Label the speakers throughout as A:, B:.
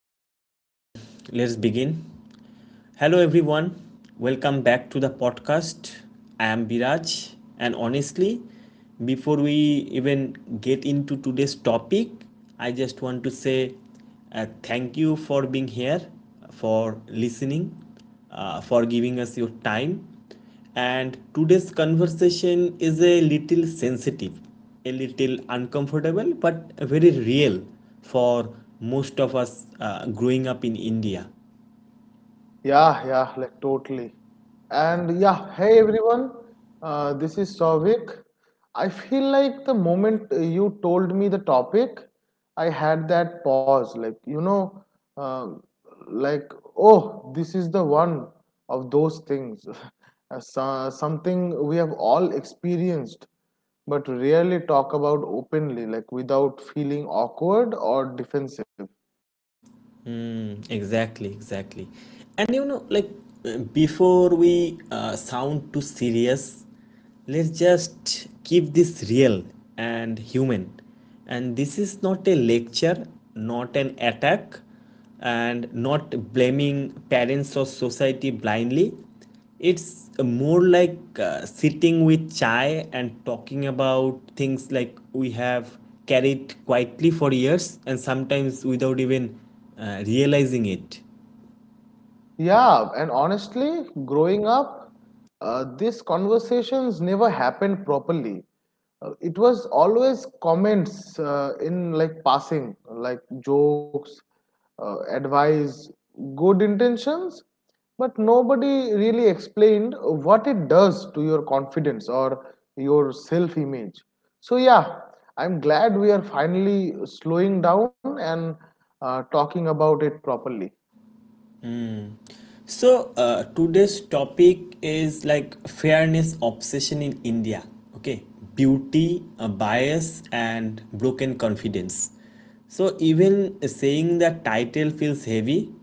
A: right, uh, let's begin. Hello, everyone. Welcome back to the podcast. I am Biraj, and honestly, before we even get into today's topic, I just want to say thank you for being here, for listening, for giving us your time, and today's conversation is a little sensitive, a little uncomfortable, but very real for most of us growing up in India.
B: Yeah, yeah, like totally. And yeah, hey everyone, this is Souvik. I feel like the moment you told me the topic, I had that pause, like, um like, oh, this is the one of those things, something we have all experienced, but rarely talk about openly, like without feeling awkward or defensive.
A: Mm, exactly, exactly. And you know, like before we sound too serious, let's just keep this real and human. And this is not a lecture, not an attack, and not blaming parents or society blindly. It's more like sitting with chai and talking about things like we have carried quietly for years and sometimes without even realizing it.
B: Yeah, and honestly, growing up, these conversations never happened properly. It was always comments in like passing, like jokes, advice, good intentions, but nobody really explained what it does to your confidence or your self image. So, yeah, I'm glad we are finally slowing down and talking about it properly.
A: So today's topic is like fairness obsession in India. Okay, beauty, bias, and broken confidence. So even saying the title feels heavy,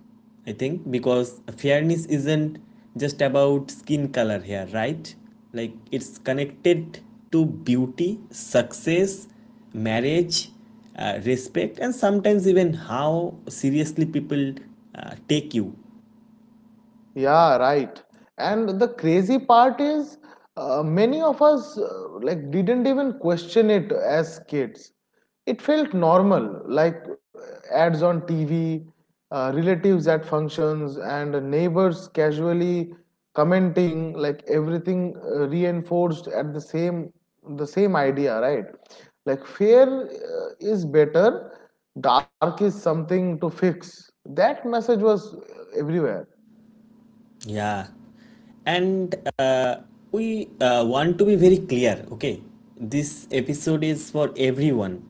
A: I think, because fairness isn't just about skin color here, right? Like it's connected to beauty, success, marriage, respect, and sometimes even how seriously people take you.
B: Yeah, right. And the crazy part is, many of us like didn't even question it as kids. It felt normal, like ads on TV, relatives at functions, and neighbors casually commenting. Like everything reinforced at the same idea, right? Like fair is better, dark is something to fix. That message was everywhere.
A: Yeah, and we want to be very clear. Okay, this episode is for everyone,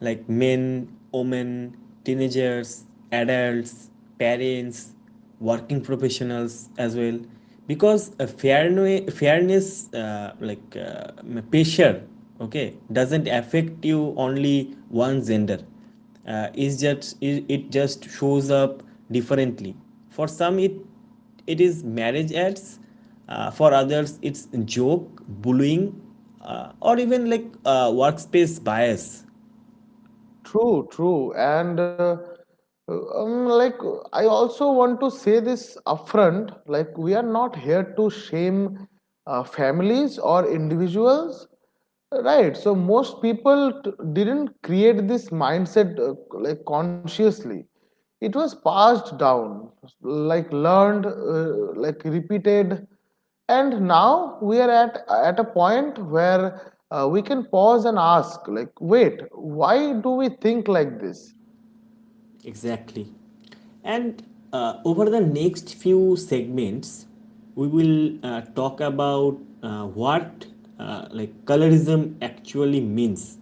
A: like men, women, teenagers, adults, parents, working professionals as well, because a fairness, pressure, okay, doesn't affect you only one gender. Is just it it just shows up differently. For some, it is marriage ads, for others it's joke bullying, or even like workspace bias.
B: True, true. And Like, I also want to say this upfront, like, we are not here to shame families or individuals, right? So, most people didn't create this mindset like consciously, it was passed down, like, learned, like, repeated and now we are at a point where we can pause and ask like, wait, why do we think like this?
A: Exactly. And over the next few segments, we will talk about what like colorism actually means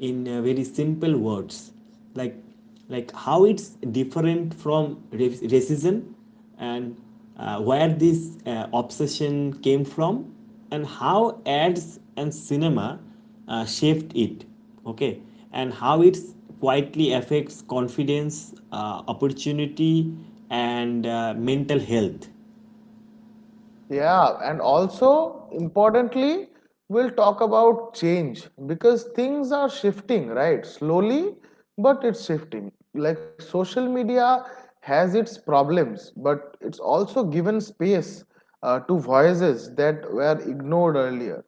A: in very simple words, like like how it's different from racism, and where this obsession came from, and how ads and cinema shaped it, okay, and how it quietly affects confidence, opportunity, and mental health.
B: Yeah, and also importantly, we'll talk about change because things are shifting, right? Slowly, but it's shifting. Like social media has its problems, but it's also given space to voices that were ignored earlier.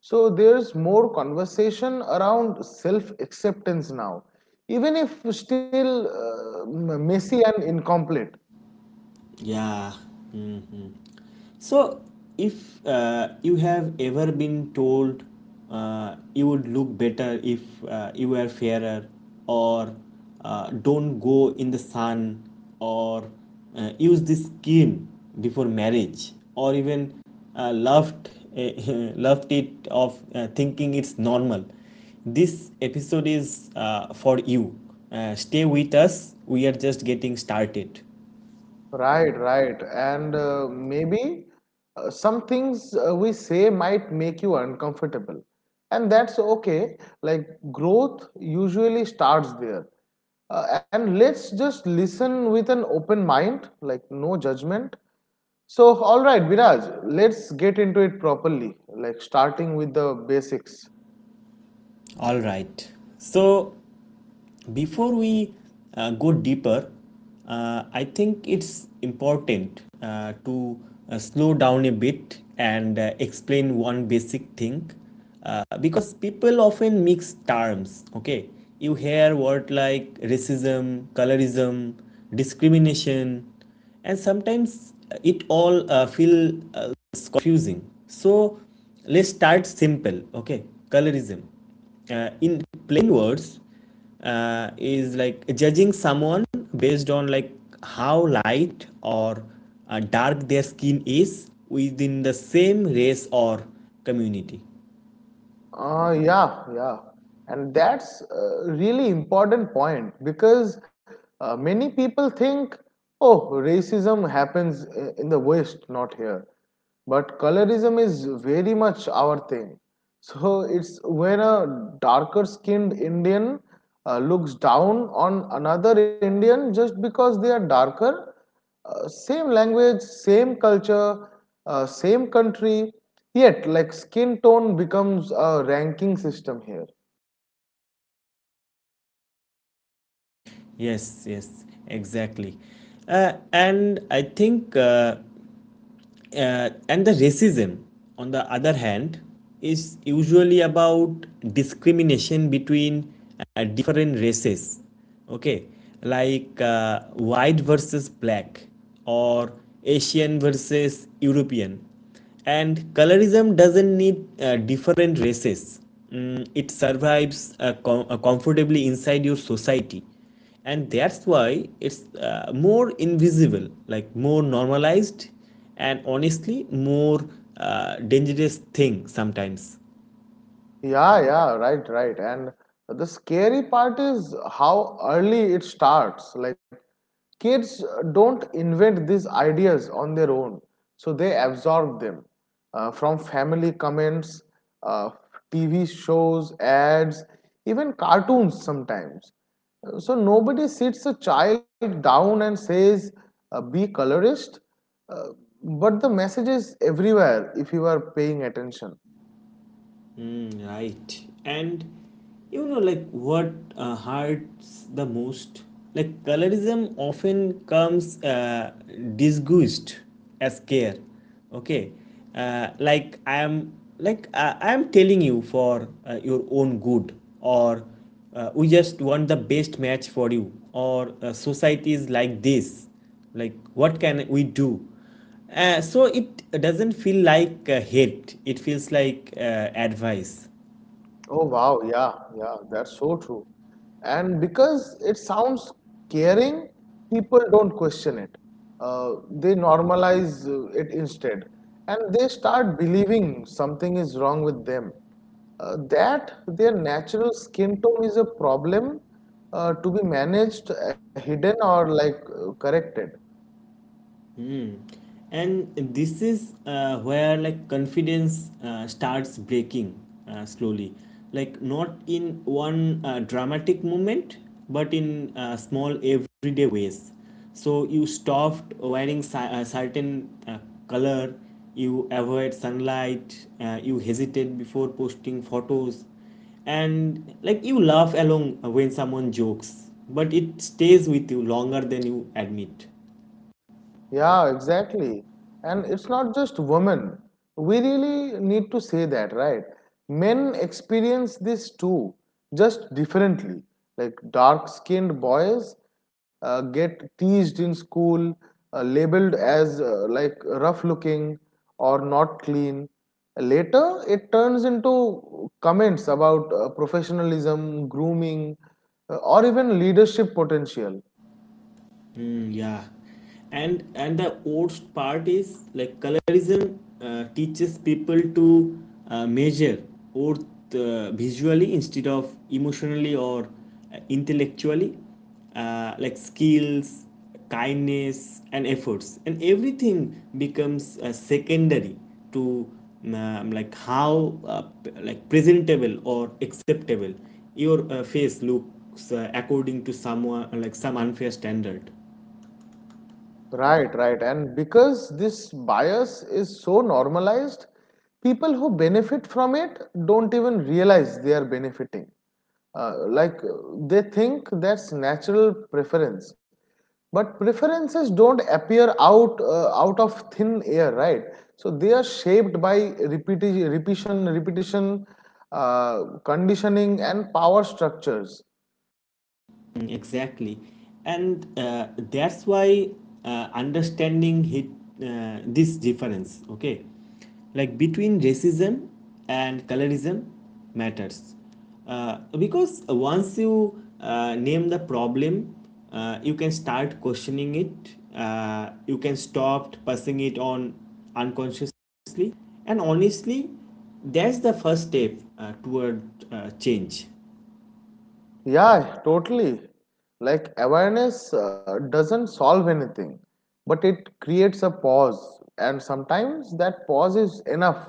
B: So there's more conversation around self acceptance now, even if still messy and incomplete.
A: Yeah. So, if you have ever been told you would look better if you were fairer, or don't go in the sun, or use this cream before marriage, or even laughed, laughed it off thinking it's normal, this episode is for you. Stay with us, we are just getting started.
B: Right, right. And maybe some things we say might make you uncomfortable. And that's okay. Like growth usually starts there. And let's just listen with an open mind, like no judgment. So, all right, Viraj, let's get into it properly, like starting with the basics.
A: All right. So, before we go deeper, I think it's important to slow down a bit and explain one basic thing because people often mix terms. Okay, you hear words like racism, colorism, discrimination, and sometimes it all feel it's confusing. So let's start simple, okay. Colorism, in plain words, is like judging someone based on like how light or dark their skin is within the same race or community.
B: Yeah, yeah, and that's a really important point because many people think, oh, racism happens in the West, not here. But colorism is very much our thing. So it's when a darker skinned Indian looks down on another Indian just because they are darker, same language, same culture, same country, yet like skin tone becomes a ranking system here.
A: Yes, yes, exactly. And I think and the racism on the other hand is usually about discrimination between different races, okay, like white versus black, or Asian versus European. And colorism doesn't need different races. Mm, it survives comfortably inside your society, and that's why it's more invisible, like more normalized, and honestly more dangerous thing sometimes.
B: Yeah, yeah, right, right. And the scary part is how early it starts. Like, kids don't invent these ideas on their own, so they absorb them from family comments, uh, TV shows, ads, even cartoons sometimes. So, nobody sits a child down and says, be colorist, uh, but the message is everywhere if you are paying attention.
A: Mm, right. And you know, like what hurts the most? Like colorism often comes disguised as care, okay, uh, like i am I am telling you for your own good, or we just want the best match for you, or society is like this, like what can we do. So it doesn't feel like hate, it feels like advice.
B: Oh wow, yeah, yeah, that's so true. And because it sounds caring, people don't question it. They normalize it instead, and they start believing something is wrong with them. That their natural skin tone is a problem to be managed, hidden, or like corrected.
A: And this is where like confidence starts breaking slowly, like not in one dramatic moment, but in small everyday ways. So you stopped wearing a certain color, you avoid sunlight, you hesitate before posting photos, and like you laugh along when someone jokes, but it stays with you longer than you admit.
B: Yeah, exactly. And it's not just women. We really need to say that, right? Men experience this too, just differently. Like dark skinned boys get teased in school, labeled as like rough looking or not clean. Later, it turns into comments about professionalism, grooming, or even leadership potential.
A: Yeah, and the worst part is like colorism teaches people to measure worth visually instead of emotionally or intellectually, like skills, kindness, and efforts, and everything becomes secondary to like how like presentable or acceptable your face looks according to someone, like some unfair standard.
B: Right, right. And because this bias is so normalized, people who benefit from it don't even realize they are benefiting. Like they think that's natural preference. But preferences don't appear out of thin air, right? So they are shaped by repetition, conditioning, and power structures.
A: Mm, exactly, and that's why understanding hit this difference, okay, like between racism and colorism, matters, because once you name the problem, you can start questioning it. You can stop passing it on unconsciously, and honestly, that's the first step toward change.
B: Yeah, totally. Like awareness doesn't solve anything, but it creates a pause, and sometimes that pause is enough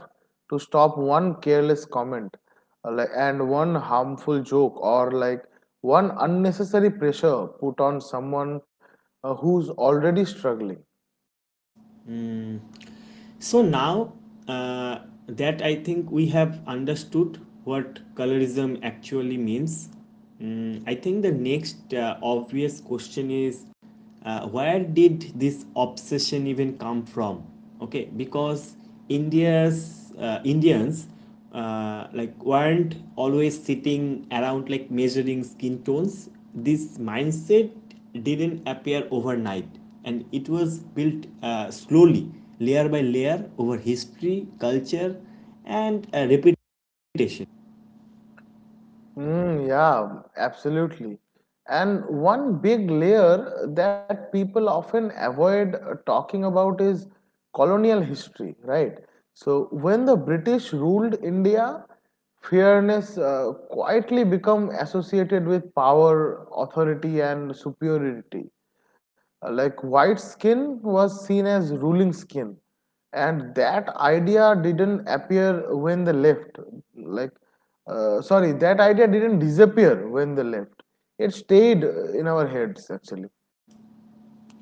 B: to stop one careless comment, and one harmful joke, or like one unnecessary pressure put on someone who's already struggling.
A: So now uh, that I think we have understood what colorism actually means, mm, I think the next obvious question is where did this obsession even come from, okay, because india's Indians like weren't always sitting around like measuring skin tones. This mindset didn't appear overnight, and it was built slowly, layer by layer, over history, culture, and repetition.
B: Mm, yeah, absolutely. And one big layer that people often avoid talking about is colonial history, right? So when the British ruled India, fairness quietly become associated with power, authority, and superiority, like white skin was seen as ruling skin. And that idea didn't appear when they left. Like, sorry, that idea didn't disappear when they left. It stayed in our heads actually.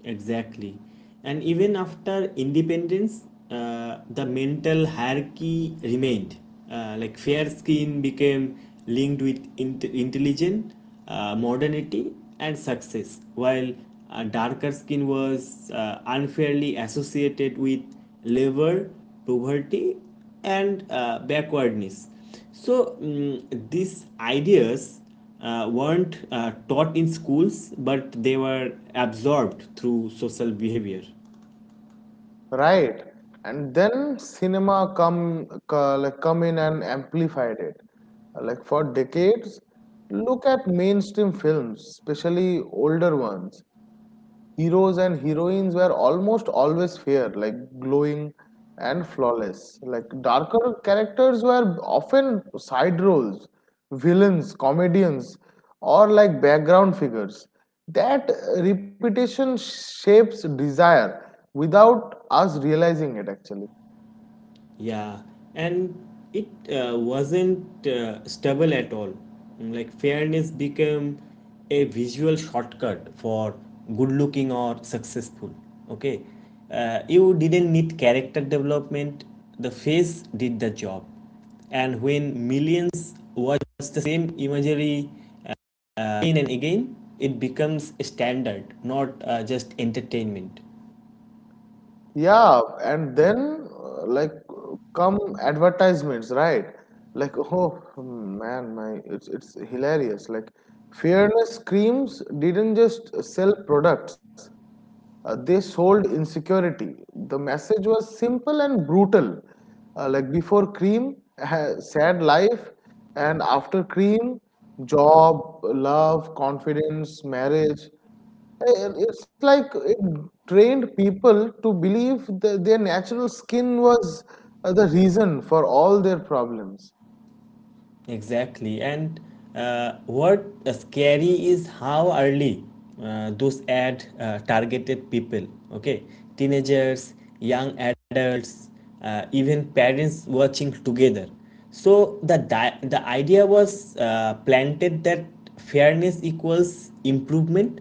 A: Exactly. And even after independence, the mental hierarchy remained. Like fair skin became linked with intelligence, modernity, and success, while darker skin was unfairly associated with labor, poverty, and backwardness. So mm, these ideas weren't taught in schools, but they were absorbed through social behavior.
B: Right, and then cinema come like come in and amplified it. Like for decades, look at mainstream films, especially older ones. Heroes and heroines were almost always fair, like glowing and flawless. Like darker characters were often side roles, villains, comedians, or like background figures. That repetition shapes desire without us realizing it actually.
A: Yeah, and it wasn't stable at all. Mm, like fairness became a visual shortcut for good looking or successful. Okay, you didn't need character development. The face did the job, and when millions watch the same imagery uh, again and again, it becomes a standard, not just entertainment.
B: Yeah, and then come advertisements, right? Like, oh man, my it's hilarious. Like, fairness creams didn't just sell products; they sold insecurity. The message was simple and brutal. Like before cream, sad life, and after cream, job, love, confidence, marriage. It's like it trained people to believe that their natural skin was the reason for all their problems.
A: Exactly. And what scary is how early those ad targeted people, okay? Teenagers, young adults, even parents watching together. So the idea was planted that fairness equals improvement,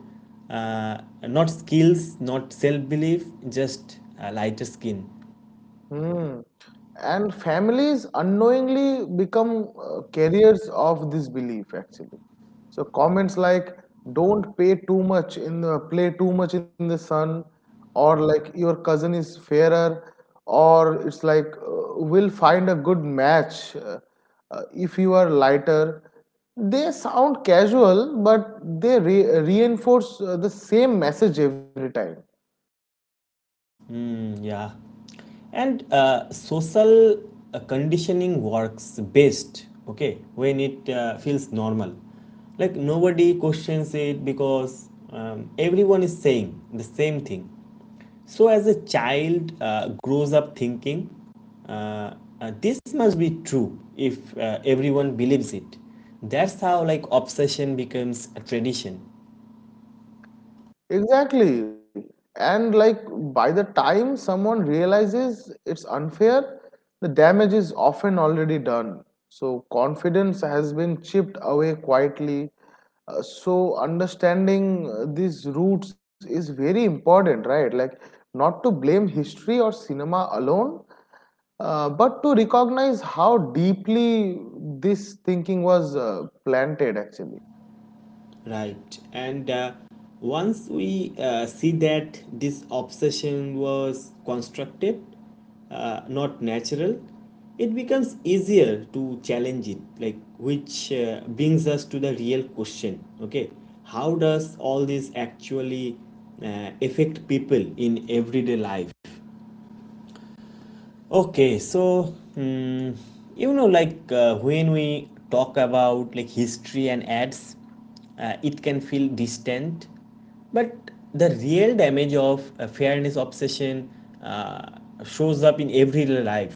A: uh, not skills, not self belief, just lighter skin.
B: Hmm. And families unknowingly become carriers of this belief actually. So comments like, don't pay too much in the play too much in the sun, or like your cousin is fairer, or it's like, will find a good match if you are lighter. They sound casual, but they reinforce the same message every time.
A: Mm, yeah. And social conditioning works best, okay, when it feels normal. Like nobody questions it because everyone is saying the same thing. So, as a child grows up thinking, uh, this must be true if everyone believes it. That's how like obsession becomes a tradition.
B: Exactly. And like by the time someone realizes it's unfair, the damage is often already done. So confidence has been chipped away quietly. So understanding these roots is very important, right? Like, not to blame history or cinema alone, but to recognize how deeply this thinking was planted actually.
A: Right, and once we see that this obsession was constructed, not natural, it becomes easier to challenge it, like which brings us to the real question, okay, how does all this actually affect people in everyday life. Okay, so hmm, you know, like when we talk about like history and ads, it can feel distant, but the real damage of fairness obsession shows up in everyday life,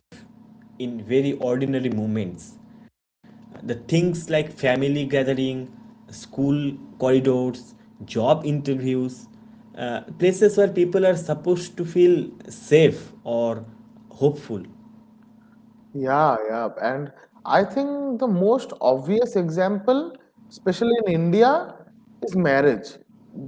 A: in very ordinary moments. The things like family gathering, school corridors, job interviews, places where people are supposed to feel safe or hopeful.
B: Yeah, yeah. And I think the most obvious example, especially in India, is marriage.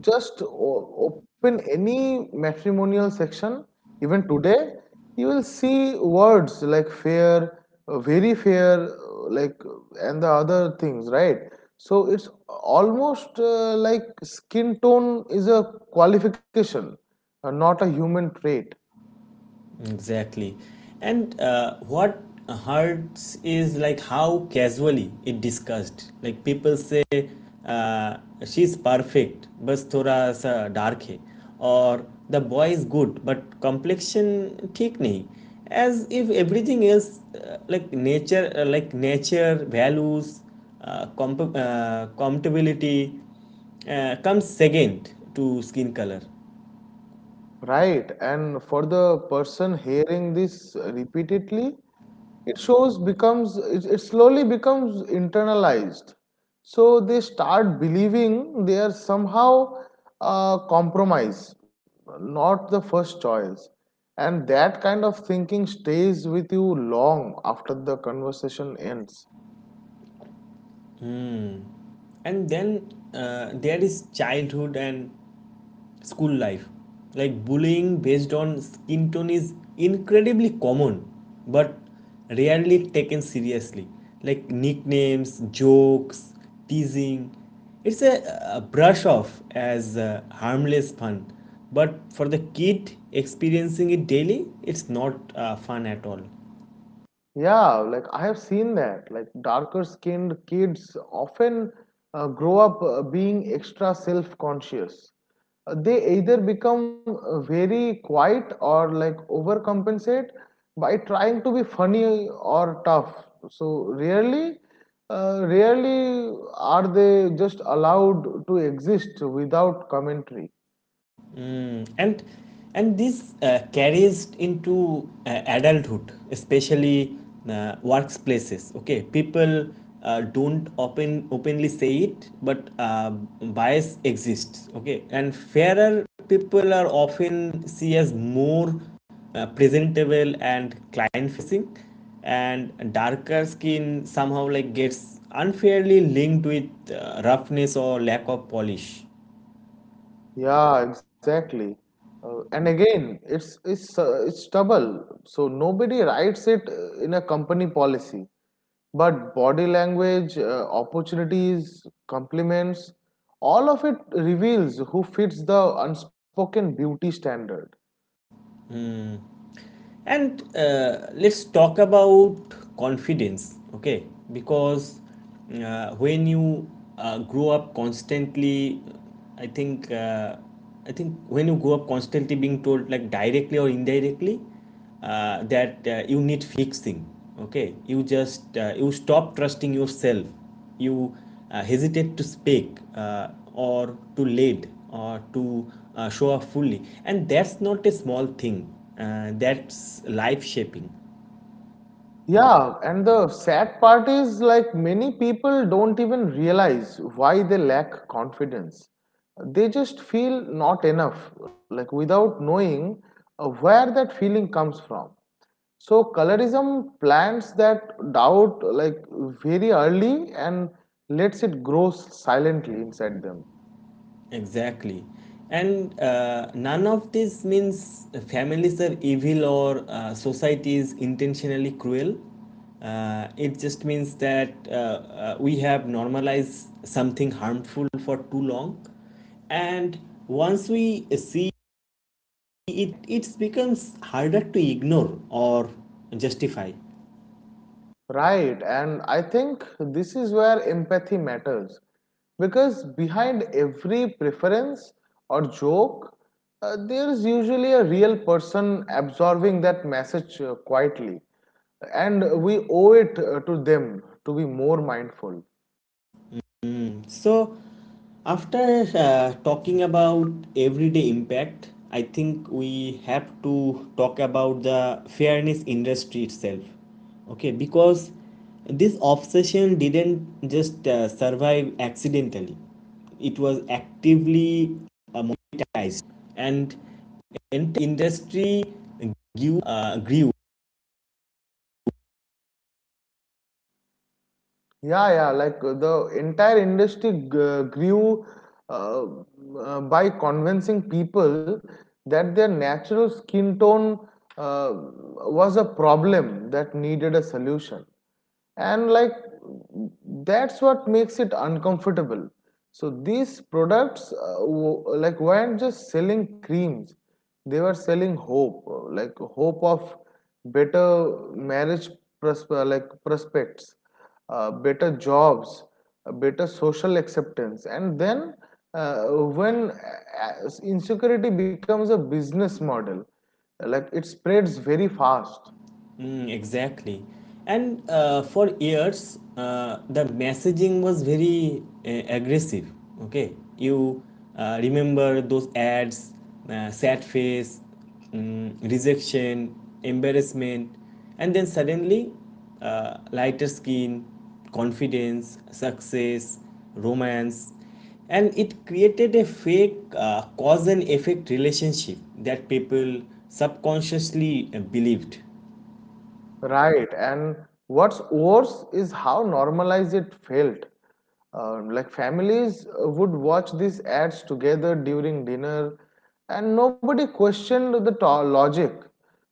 B: Just open any matrimonial section, even today, you will see words like fair, very fair, like, and the other things, right? So it's almost like skin tone is a qualification, not a human trait.
A: Exactly. And what hurts is like how casually it discussed. Like people say, uh, she's perfect, बस थोड़ा सा dark है और the boy is good, but complexion ठीक नहीं as if everything else like nature values compatibility comes second to skin color.
B: Right, and for the person hearing this repeatedly, it slowly becomes internalized. So they start believing they are somehow compromise, not the first choice, and that kind of thinking stays with you long after the conversation ends.
A: And then there is childhood and school life. Like bullying based on skin tone is incredibly common, but rarely taken seriously. Like nicknames, jokes, teasing. It's a, a brush off as harmless fun, but for the kid experiencing it daily, it's not fun at all.
B: Yeah, like I have seen that. Like darker skinned kids often grow up being extra self conscious. They either become very quiet or like overcompensate by trying to be funny or tough. Rarely are they just allowed to exist without commentary.
A: Mm, and this carries into adulthood, especially workplaces, okay. People don't openly say it, but bias exists, okay, and fairer people are often seen as more presentable and client facing, and darker skin somehow like gets unfairly linked with roughness or lack of polish.
B: Yeah, exactly. And again, it's double. So nobody writes it in a company policy, but body language, opportunities, compliments, all of it reveals who fits the unspoken beauty standard.
A: And let's talk about confidence, okay? Because when you grow up constantly, I think uh, I think when you grow up constantly being told, like directly or indirectly, that you need fixing, okay, you stop trusting yourself, you hesitate to speak, or to lead, or to show up fully, and that's not a small thing, that's life shaping.
B: Yeah, and the sad part is like many people don't even realize why they lack confidence. They just feel not enough, like without knowing where that feeling comes from. So colorism plants that doubt like very early and lets it grow silently inside them.
A: Exactly. And none of this means families are evil or society is intentionally cruel. It just means that we have normalized something harmful for too long. And once we see it, it becomes harder to ignore or justify.
B: Right, and I think this is where empathy matters, because behind every preference or joke, there is usually a real person absorbing that message quietly, and we owe it to them to be more mindful.
A: So, after talking about everyday impact, I think we have to talk about the fairness industry itself. Okay, because this obsession didn't just survive accidentally, it was actively monetized, and entire industry grew.
B: Yeah, yeah, like the entire industry g- grew uh, by convincing people that their natural skin tone uh, was a problem that needed a solution. And like that's what makes it uncomfortable. So these products like weren't just selling creams, they were selling hope, like hope of better marriage prosper, like prospects, better jobs, better social acceptance. And then uh, when insecurity becomes a business model, like it spreads very fast.
A: Mm, exactly. And for years, the messaging was very aggressive. Okay. You remember those ads, sad face, mm, rejection, embarrassment, and then suddenly lighter skin, confidence, success, romance. And it created a fake cause and effect relationship that people subconsciously believed.
B: Right, and what's worse is how normalized it felt. Like families would watch these ads together during dinner and nobody questioned the logic.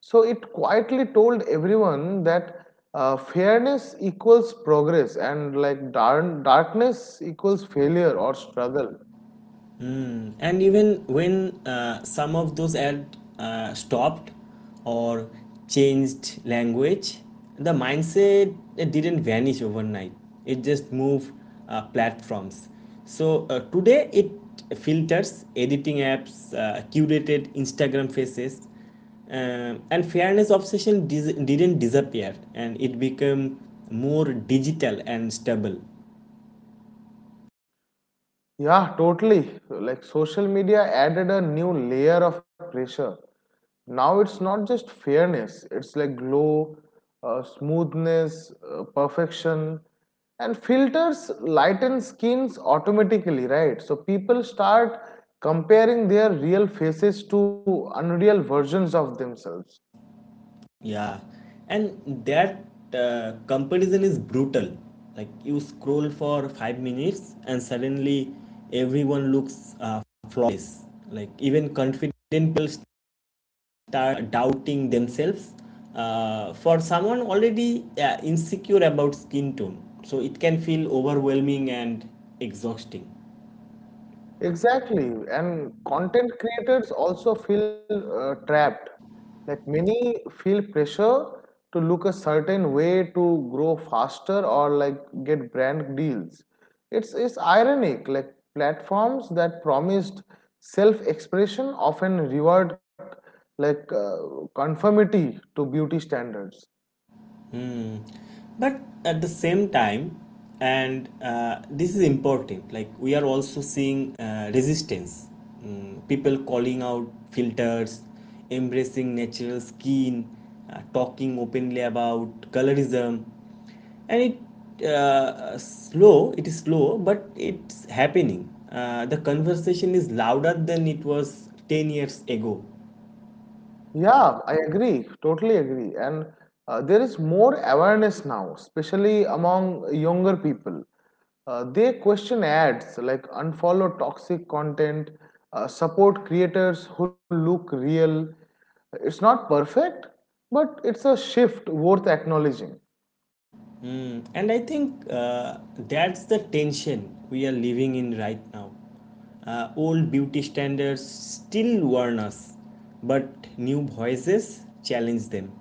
B: So it quietly told everyone that fairness equals progress and like darkness equals failure or struggle.
A: Mm. And even when some of those ad stopped or changed language, the mindset it didn't vanish overnight, it just moved platforms. So today it filters editing apps, curated Instagram faces, and fairness obsession didn't disappear, and it became more digital and stable.
B: Yeah, totally. Like social media added a new layer of pressure. Now it's not just fairness, it's like glow, smoothness, perfection, and filters lighten skins automatically, right? So people start comparing their real faces to unreal versions of themselves.
A: Yeah, and that comparison is brutal. Like you scroll for five minutes and suddenly everyone looks flawless. Like even confident people start doubting themselves. For someone already insecure about skin tone, so it can feel overwhelming and exhausting.
B: Exactly, and content creators also feel trapped. Like many feel pressure to look a certain way to grow faster or like get brand deals. It's ironic. Like platforms that promised self-expression often reward like conformity to beauty standards.
A: Hmm. But at the same time, and this is important, like we are also seeing resistance. Mm, people calling out filters, embracing natural skin, talking openly about colorism. And it is slow, but it's happening. The conversation is louder than it was 10 years ago.
B: Yeah, I agree, totally agree. And there is more awareness now, especially among younger people. They question ads, like unfollow toxic content, support creators who look real. It's not perfect, but it's a shift worth acknowledging.
A: Mm, and I think that's the tension we are living in right now. Old beauty standards still warn us, but new voices challenge them.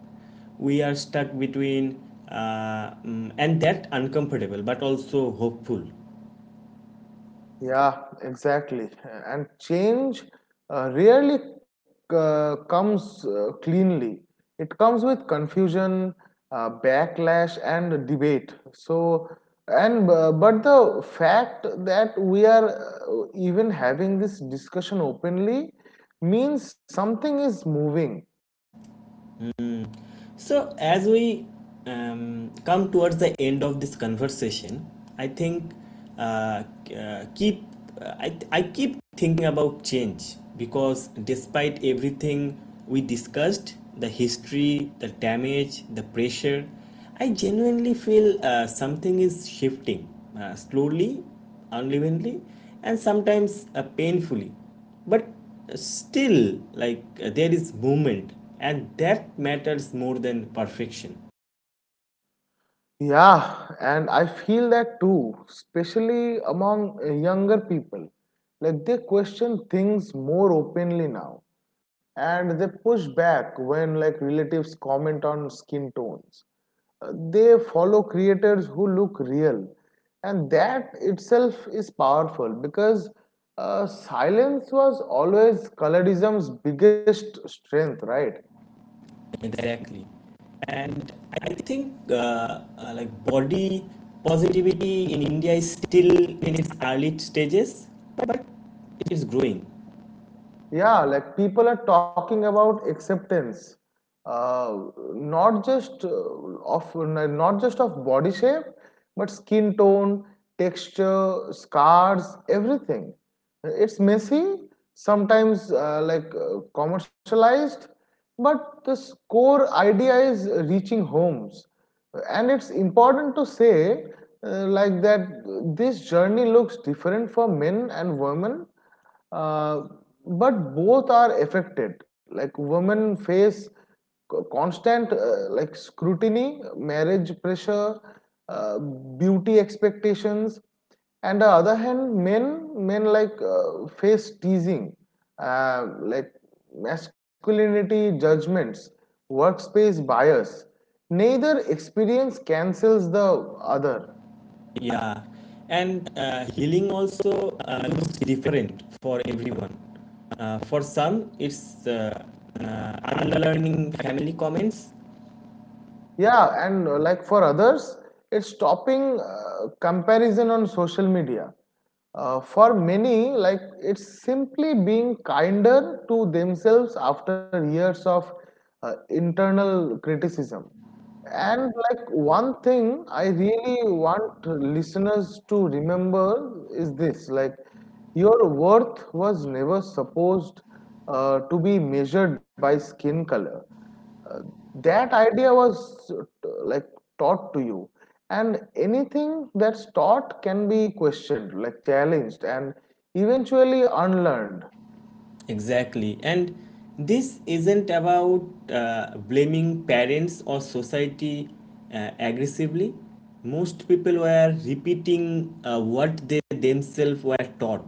A: We are stuck between, mm, and that uncomfortable but also hopeful.
B: Yeah, exactly. And change rarely comes cleanly. It comes with confusion, backlash, and debate. So, and But the fact that we are even having this discussion openly means something is moving.
A: So, as we come towards the end of this conversation, I think uh, uh, keep I keep thinking about change because despite everything we discussed, the history, the damage, the pressure, I genuinely feel something is shifting, slowly, unevenly, and sometimes painfully, but still, like, there is movement, and that matters more than perfection.
B: Yeah, and I feel that too, especially among younger people. Like they question things more openly now, and they push back when like relatives comment on skin tones. They follow creators who look real, and that itself is powerful because silence was always colorism's biggest strength, right?
A: Exactly, and I think like body positivity in India is still in its early stages, but it is growing.
B: Yeah, like people are talking about acceptance, uh, not just of body shape, but skin tone, texture, scars, everything. It's messy sometimes, commercialized, but this core idea is reaching homes. And it's important to say that this journey looks different for men and women, uh, but both are affected. Like women face constant scrutiny, marriage pressure, uh, beauty expectations, and the other hand, men face teasing, uh, like masculinity judgments, workspace bias. Neither experience cancels the other.
A: Yeah, and healing also looks different for everyone. For some it's uh, unlearning family comments.
B: Yeah, and like for others, it's stopping comparison on social media. For many, like it's simply being kinder to themselves after years of internal criticism. And like one thing I really want listeners to remember is this: like your worth was never supposed to be measured by skin color. Uh, that idea was taught to you, and anything that's taught can be questioned, like challenged, and eventually unlearned.
A: Exactly. And this isn't about blaming parents or society aggressively. Most people were repeating what they themselves were taught.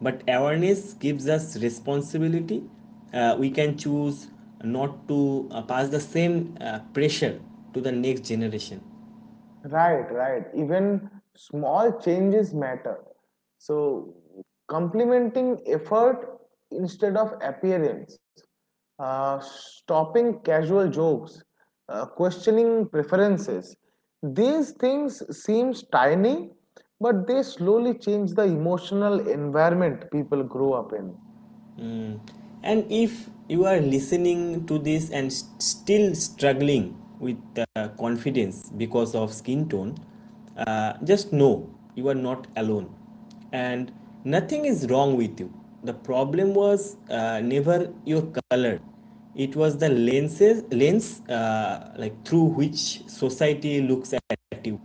A: But awareness gives us responsibility. We can choose not to pass the same pressure to the next generation.
B: Right, right. Even small changes matter. So, complementing effort instead of appearance, stopping casual jokes, questioning preferences. These things seems tiny, but they slowly change the emotional environment people grow up in.
A: And if you are listening to this and still struggling with confidence because of skin tone, just know you are not alone, and nothing is wrong with you. The problem was never your color, it was the lens like through which society looks at you.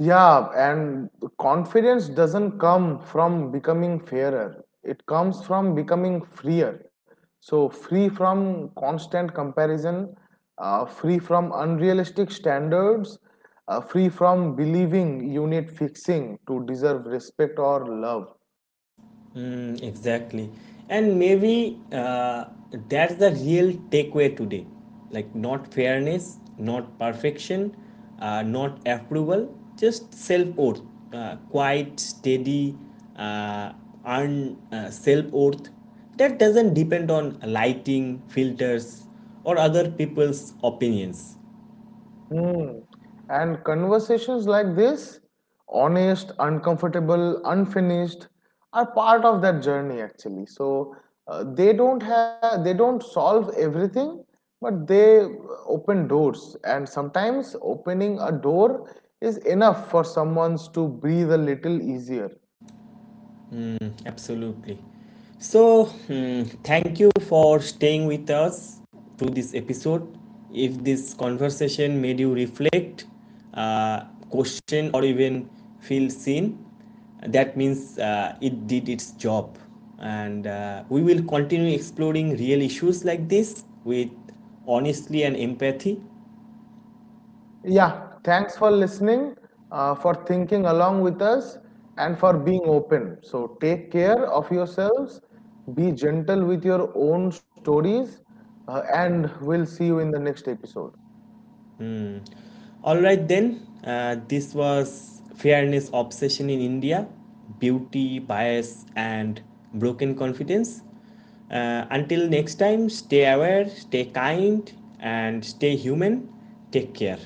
B: Yeah, and confidence doesn't come from becoming fairer. It comes from becoming freer. So, free from constant comparison, free from unrealistic standards, free from believing you need fixing to deserve respect or love.
A: Mm, exactly. And maybe that's the real takeaway today. Like, not fairness, not perfection, not approval, just self worth. Quiet, steady, uh, earned self worth that doesn't depend on lighting, filters, or other people's opinions.
B: Hmm. And conversations like this, honest, uncomfortable, unfinished, are part of that journey actually. So they don't solve everything, but they open doors. And sometimes opening a door is enough for someone to breathe a little easier.
A: Mm, absolutely. So, hmm, thank you for staying with us through this episode. If this conversation made you reflect, uh, question, or even feel seen, that means it did its job. And we will continue exploring real issues like this with honesty and empathy.
B: Yeah, thanks for listening, for thinking along with us, and for being open. So, take care of yourselves, be gentle with your own stories, and we'll see you in the next episode.
A: All right, then, this was Fairness Obsession in India: Beauty, Bias, and Broken Confidence. Until next time, stay aware, stay kind, and stay human. Take care.